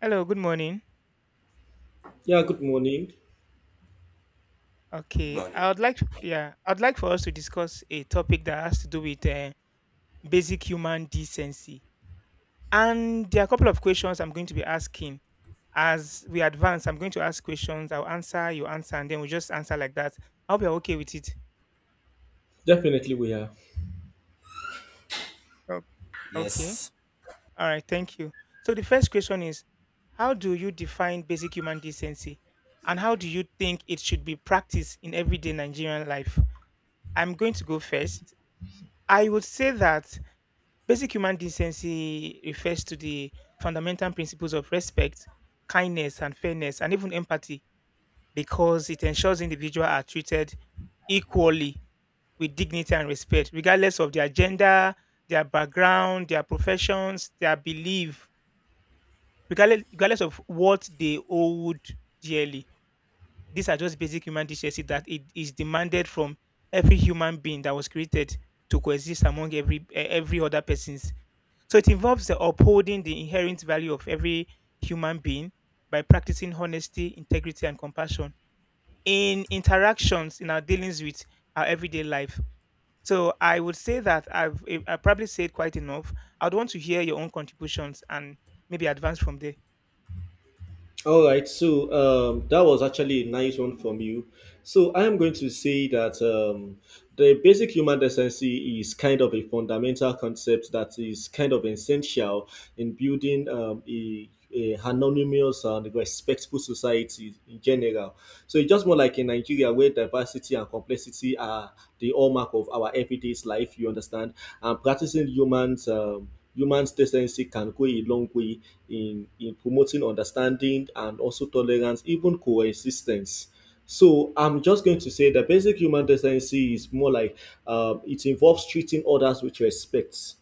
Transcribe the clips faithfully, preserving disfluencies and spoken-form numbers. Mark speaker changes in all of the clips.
Speaker 1: Hello, good morning.
Speaker 2: Yeah, good
Speaker 3: Morning.
Speaker 2: morning.
Speaker 3: Good
Speaker 1: Okay,
Speaker 3: morning.
Speaker 1: I would like yeah, I'd like for us to discuss a topic that has to do with uh, basic human decency. And there are a couple of questions I'm going to be asking. As we advance, I'm going to ask questions. I'll answer, you answer, and then we'll just answer like that. I hope you're okay with it.
Speaker 2: Definitely we are.
Speaker 1: Oh, okay.
Speaker 3: Yes.
Speaker 1: All right. Thank you. So the first question is, how do you define basic human decency, and how do you think it should be practiced in everyday Nigerian life? I'm going to go first. I would say that basic human decency refers to the fundamental principles of respect, kindness, and fairness, and even empathy because it ensures individuals are treated equally with dignity and respect, regardless of their gender, their background, their professions, their belief, regardless, regardless of what they owed dearly. These are just basic human decency that it is demanded from every human being that was created to coexist among every eh, every other persons, so it involves the upholding the inherent value of every human being by practicing honesty, integrity, and compassion in interactions in our dealings with our everyday life. So I would say that I've eh, I probably said quite enough. I'd want to hear your own contributions and maybe advance from there.
Speaker 2: All right, so um, that was actually a nice one from you. So I am going to say that um, the basic human decency is kind of a fundamental concept that is kind of essential in building um, a, a anonymous and respectful society in general. So it's just more like in Nigeria where diversity and complexity are the hallmark of our everyday life, you understand, and practicing humans. Um, human decency can go a long way in, in promoting understanding and also tolerance, even coexistence. So I'm just going to say that basic human decency is more like um, it involves treating others with respect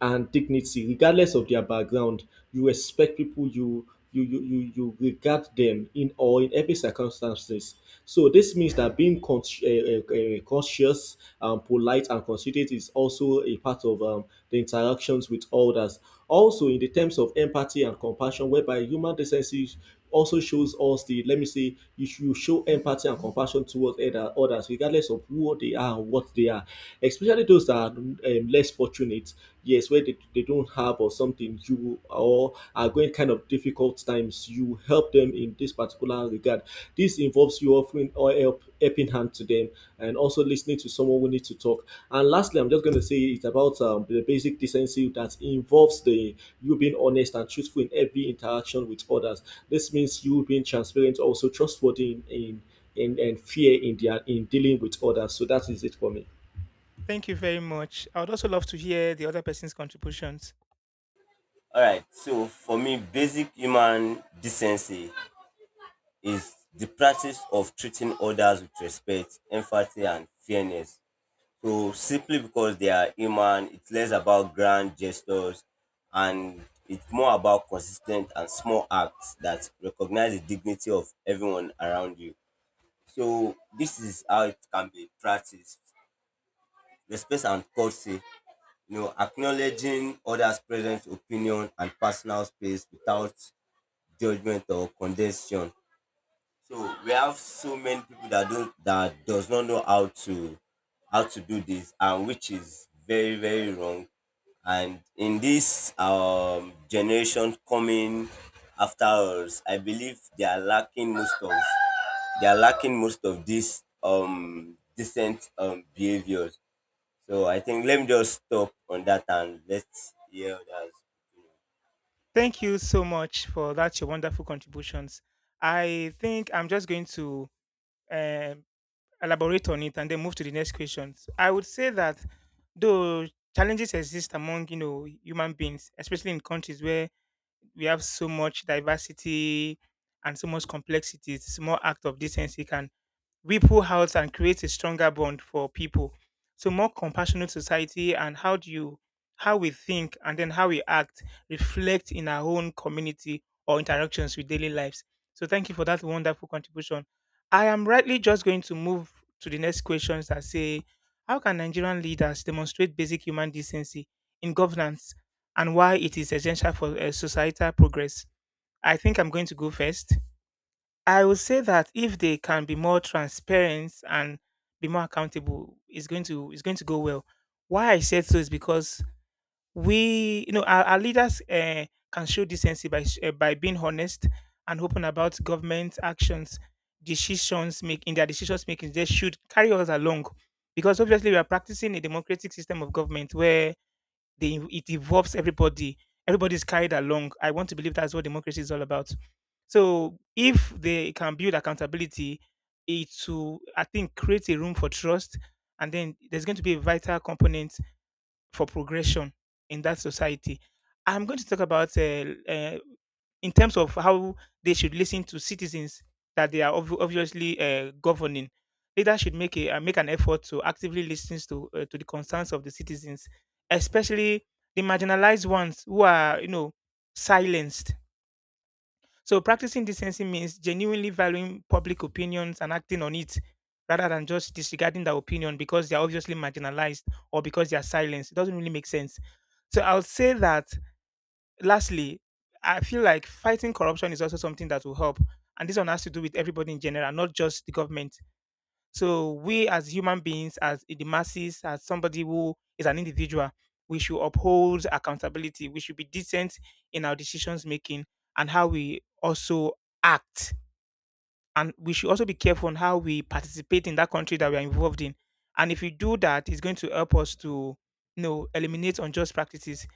Speaker 2: and dignity regardless of their background. You respect people. You you you you, you regard them in all in every circumstances. So this means that being con- uh, uh, cautious, um, polite and considerate is also a part of um, the interactions with others. Also in the terms of empathy and compassion, whereby human decency also shows us the let me say you, sh- you show empathy and compassion towards other, others regardless of who they are and what they are, especially those that are um, less fortunate. Yes, where they, they don't have or something, you or are going kind of difficult times, you help them in this particular regard. This involves you offering or help helping hand to them, and also listening to someone who needs to talk. And lastly, I'm just going to say it's about um, the basic decency that involves the you being honest and truthful in every interaction with others. This means you being transparent, also trustworthy in in, in and fear in their in dealing with others. So that is it for me.
Speaker 1: Thank you very much. I would also love to hear the other person's contributions.
Speaker 3: All right. So for me, basic human decency is the practice of treating others with respect, empathy, and fairness. So simply because they are human, it's less about grand gestures and it's more about consistent and small acts that recognize the dignity of everyone around you. So this is how it can be practiced. Respect and courtesy, you know, acknowledging others' presence, opinion, and personal space without judgment or condensation. So we have so many people that don't that does not know how to how to do this, and which is very very wrong. And in this um, generation coming after us, I believe they are lacking most of they are lacking most of these um decent um behaviors. So I think let me just stop on that and let's hear others.
Speaker 1: Thank you so much for that your wonderful contributions. I think I'm just going to um elaborate on it and then move to the next questions. I would say that though challenges exist among you know human beings, especially in countries where we have so much diversity and so much complexity, small act of decency can ripple out and create a stronger bond for people. So more compassionate society and how do you how we think and then how we act reflect in our own community or interactions with daily lives. So thank you for that wonderful contribution. I am rightly just going to move to the next questions that say how can Nigerian leaders demonstrate basic human decency in governance and why it is essential for uh, societal progress? I think I'm going to go first. I would say that if they can be more transparent and be more accountable, it's going to it's going to go well. Why I said so is because we, you know, our, our leaders uh, can show decency by sh- uh, by being honest and open about government actions, decisions make in their decisions making. They should carry us along, because obviously we are practicing a democratic system of government where they it involves everybody, everybody's carried along. I want to believe that's what democracy is all about. So if they can build accountability, it to I think create a room for trust, and then there's going to be a vital component for progression in that society. I'm going to talk about uh, uh, in terms of how they should listen to citizens that they are obvi- obviously uh, governing. Leaders should make a uh, make an effort to actively listen to uh, to the concerns of the citizens, especially the marginalized ones who are you know silenced. So practicing decency means genuinely valuing public opinions and acting on it rather than just disregarding their opinion because they are obviously marginalized or because they are silenced. It doesn't really make sense. So I'll say that lastly, I feel like fighting corruption is also something that will help. And this one has to do with everybody in general, not just the government. So we as human beings, as the masses, as somebody who is an individual, we should uphold accountability. We should be decent in our decisions making and how we also act. And we should also be careful on how we participate in that country that we are involved in. And if we do that, it's going to help us to you know eliminate unjust practices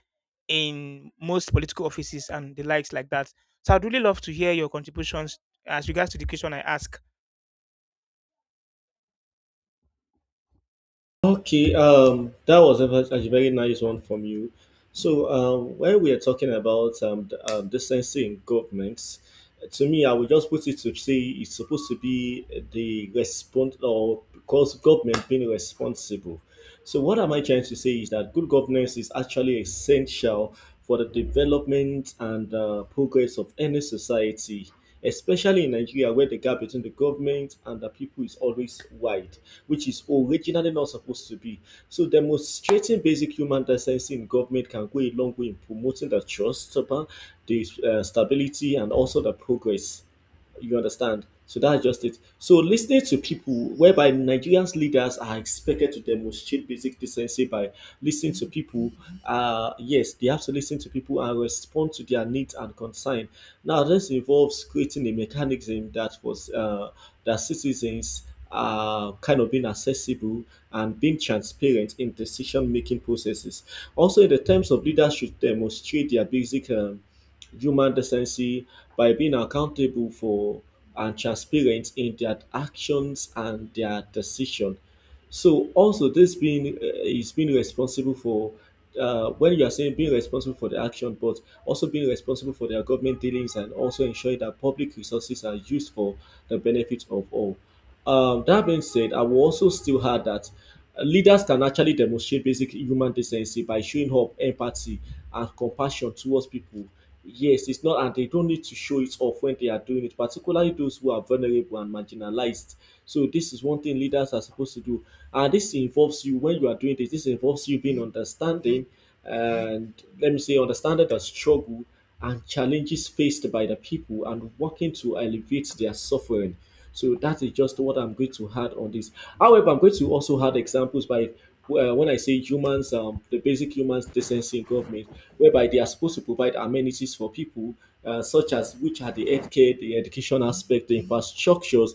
Speaker 1: in most political offices and the likes like that. So I'd really love to hear your contributions as regards to the question I ask.
Speaker 2: Okay, um, that was a, ve- a very nice one from you. So, um, when we are talking about um, the, um, decency in governments, to me, I would just put it to say it's supposed to be the response or because government being responsible. So, what am I trying to say is that good governance is actually essential for the development and uh, progress of any society, especially in Nigeria, where the gap between the government and the people is always wide, which is originally not supposed to be. So, demonstrating basic human decency in government can go a long way in promoting the trust, upon the uh, stability, and also the progress. You understand? So that's just it. So listening to people, whereby Nigerians leaders are expected to demonstrate basic decency by listening to people. Uh, yes, they have to listen to people and respond to their needs and concern. Now, this involves creating a mechanism that was uh, that citizens are kind of being accessible and being transparent in decision making processes. Also, in the terms of leaders should demonstrate their basic um, human decency by being accountable for and transparent in their actions and their decision. So also this being uh, is being responsible for uh, when you are saying being responsible for the action, but also being responsible for their government dealings, and also ensuring that public resources are used for the benefit of all. Um, that being said, I will also still add that leaders can actually demonstrate basic human decency by showing up empathy and compassion towards people. Yes, it's not, and they don't need to show it off when they are doing it, particularly those who are vulnerable and marginalized. So, this is one thing leaders are supposed to do. And this involves you when you are doing this, this involves you being understanding and let me say, understanding the struggle and challenges faced by the people and working to elevate their suffering. So, that is just what I'm going to add on this. However, I'm going to also add examples by well, when I say humans, um, the basic human decency in government, whereby they are supposed to provide amenities for people, uh, such as which are the healthcare, the education aspect, the infrastructures,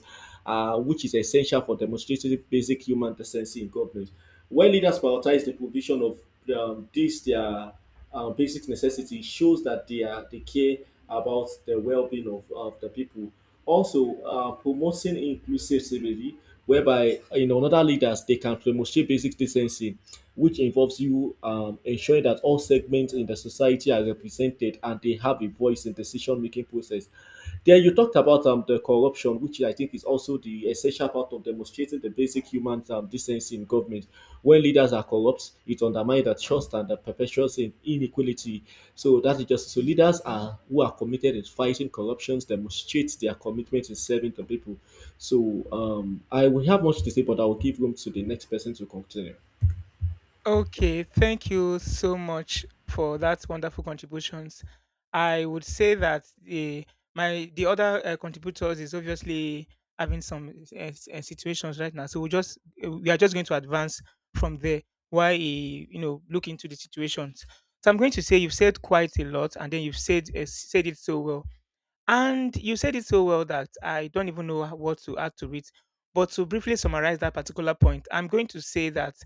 Speaker 2: uh, which is essential for demonstrating basic human decency in government. When leaders prioritize the provision of um, these, their uh, basic necessity shows that they are they care about the well-being of, of the people. Also, uh, promoting inclusivity, whereby you know other leaders they can promote basic decency, which involves you um, ensuring that all segments in the society are represented and they have a voice in decision-making process. Then you talked about um, the corruption, which I think is also the essential part of demonstrating the basic human um, decency in government. When leaders are corrupt, it undermines the trust and that perpetuates inequality. So that is just so leaders are who are committed in fighting corruptions demonstrate their commitment in serving the people. So um, I will have much to say, but I will give room to the next person to continue.
Speaker 1: Okay, thank you so much for that wonderful contributions. I would say that the my the other uh, contributors is obviously having some uh, s- uh, situations right now, so we just uh, we are just going to advance from there while he, you know, look into the situations. So I'm going to say you've said quite a lot, and then you've said uh, said it so well. And you said it so well that I don't even know what to add to it. But to briefly summarize that particular point, I'm going to say that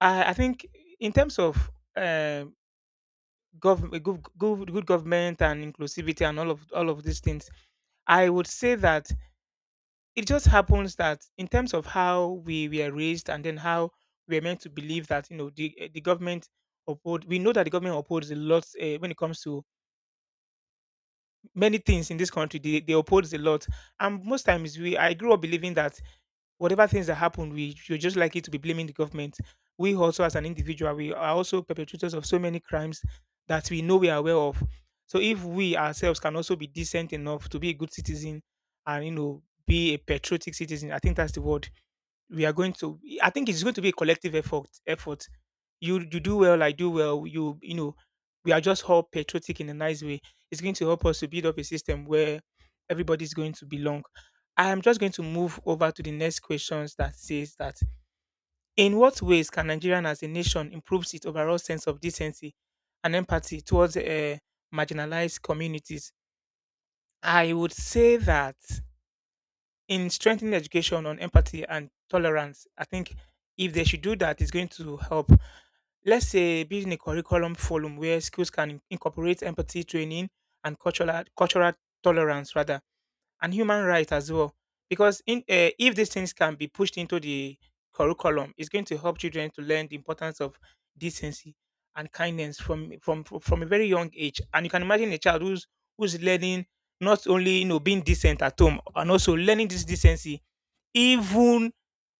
Speaker 1: I, I think in terms of uh, gov- good, good, good government and inclusivity and all of all of these things, I would say that it just happens that in terms of how we were raised, and then how we are meant to believe that you know the eh, the government uphold, we know that the government upholds a lot uh, when it comes to many things in this country. They, they oppose a lot, and most times we I grew up believing that whatever things that happen, we you're just likely to be blaming the government. We also as an individual, we are also perpetrators of so many crimes that we know, we are aware of. So if we ourselves can also be decent enough to be a good citizen, and you know, be a patriotic citizen, I think that's the word. We are going to, I think it's going to be a collective effort effort. You you do well, I do well, you you know, we are just all patriotic in a nice way. It's going to help us to build up a system where everybody's going to belong. I am just going to move over to the next questions that says that in what ways can Nigerian as a nation improves its overall sense of decency and empathy towards uh, marginalized communities. I would say that in strengthening education on empathy and tolerance, I think if they should do that, it's going to help. Let's say building a curriculum forum where schools can incorporate empathy training and cultural cultural tolerance rather, and human rights as well. Because in, uh, if these things can be pushed into the curriculum, it's going to help children to learn the importance of decency and kindness from from from from a very young age. And you can imagine a child who's who's learning, not only you know being decent at home, and also learning this decency even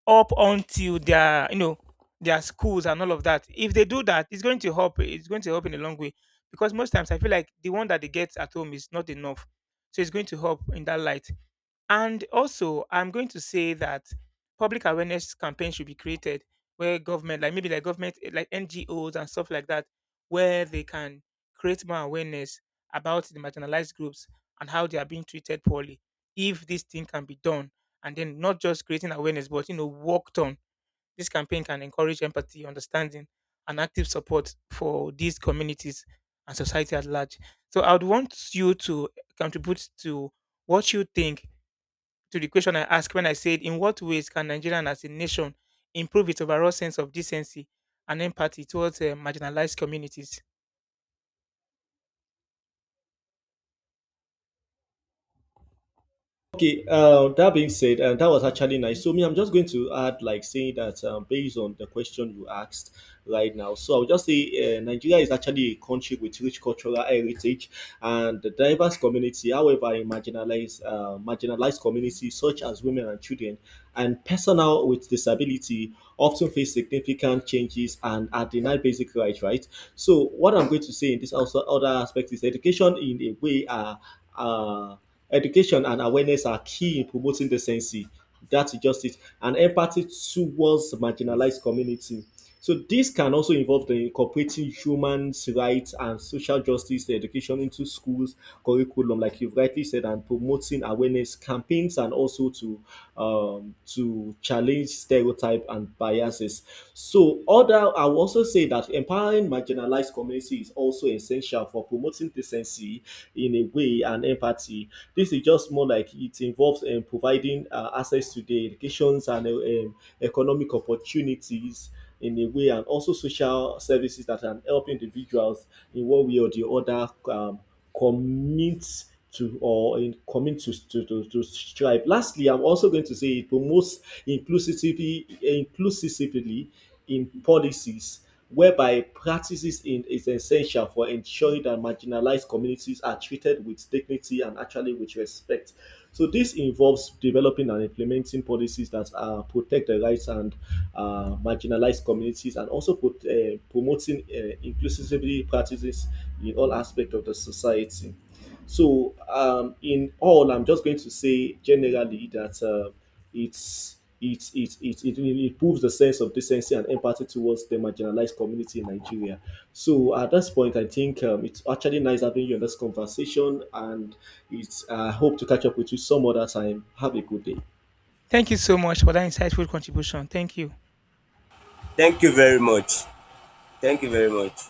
Speaker 1: up until their you know their schools and all of that. If they do that, it's going to help. It's going to help in a long way because most times I feel like the one that they get at home is not enough. So it's going to help in that light. And also, I'm going to say that public awareness campaigns should be created where government, like maybe like government, eh, like N G Os and stuff like that, where they can create more awareness about the marginalized groups and how they are being treated poorly. If this thing can be done, and then not just creating awareness, but you know, worked on, this campaign can encourage empathy, understanding, and active support for these communities and society at large. So I would want you to contribute to what you think to the question I asked when I said, in what ways can Nigeria as a nation improve its overall sense of decency and empathy towards uh, marginalized communities?
Speaker 2: Okay, uh, that being said, and that was actually nice. So, me, I'm just going to add, like, saying that um, based on the question you asked right now. So, I'll just say uh, Nigeria is actually a country with rich cultural heritage and the diverse community. However, in marginalized, uh, marginalized communities such as women and children and personnel with disability often face significant changes and are denied basic rights, right? So, what I'm going to say in this also other aspect is education in a way. Uh, uh, Education and awareness are key in promoting decency. That is just it. And empathy towards marginalized community. So this can also involve the incorporating human rights and social justice education into schools curriculum, like you've rightly said, and promoting awareness campaigns and also to um, to challenge stereotype and biases. So other, I will also say that empowering marginalized communities is also essential for promoting decency in a way and empathy. This is just more like it involves um, providing uh, access to the educations and uh, um, economic opportunities in a way, and also social services that can help individuals in one way or the other um, commit to or in commit to, to, to, to strive. Lastly, I'm also going to say it promotes inclusivity inclusively in policies whereby practices in, is essential for ensuring that marginalized communities are treated with dignity and actually with respect. So this involves developing and implementing policies that uh, protect the rights and uh, marginalized communities, and also put, uh, promoting uh, inclusivity practices in all aspects of the society. So, um, in all, I'm just going to say generally that uh, it's it, it, it, it improves the sense of decency and empathy towards the marginalized community in Nigeria. So at this point, I think um, it's actually nice having you in this conversation, and it's I hope to catch up with you some other time. Have a good day.
Speaker 1: Thank you so much for that insightful contribution. Thank you.
Speaker 3: Thank you very much. Thank you very much.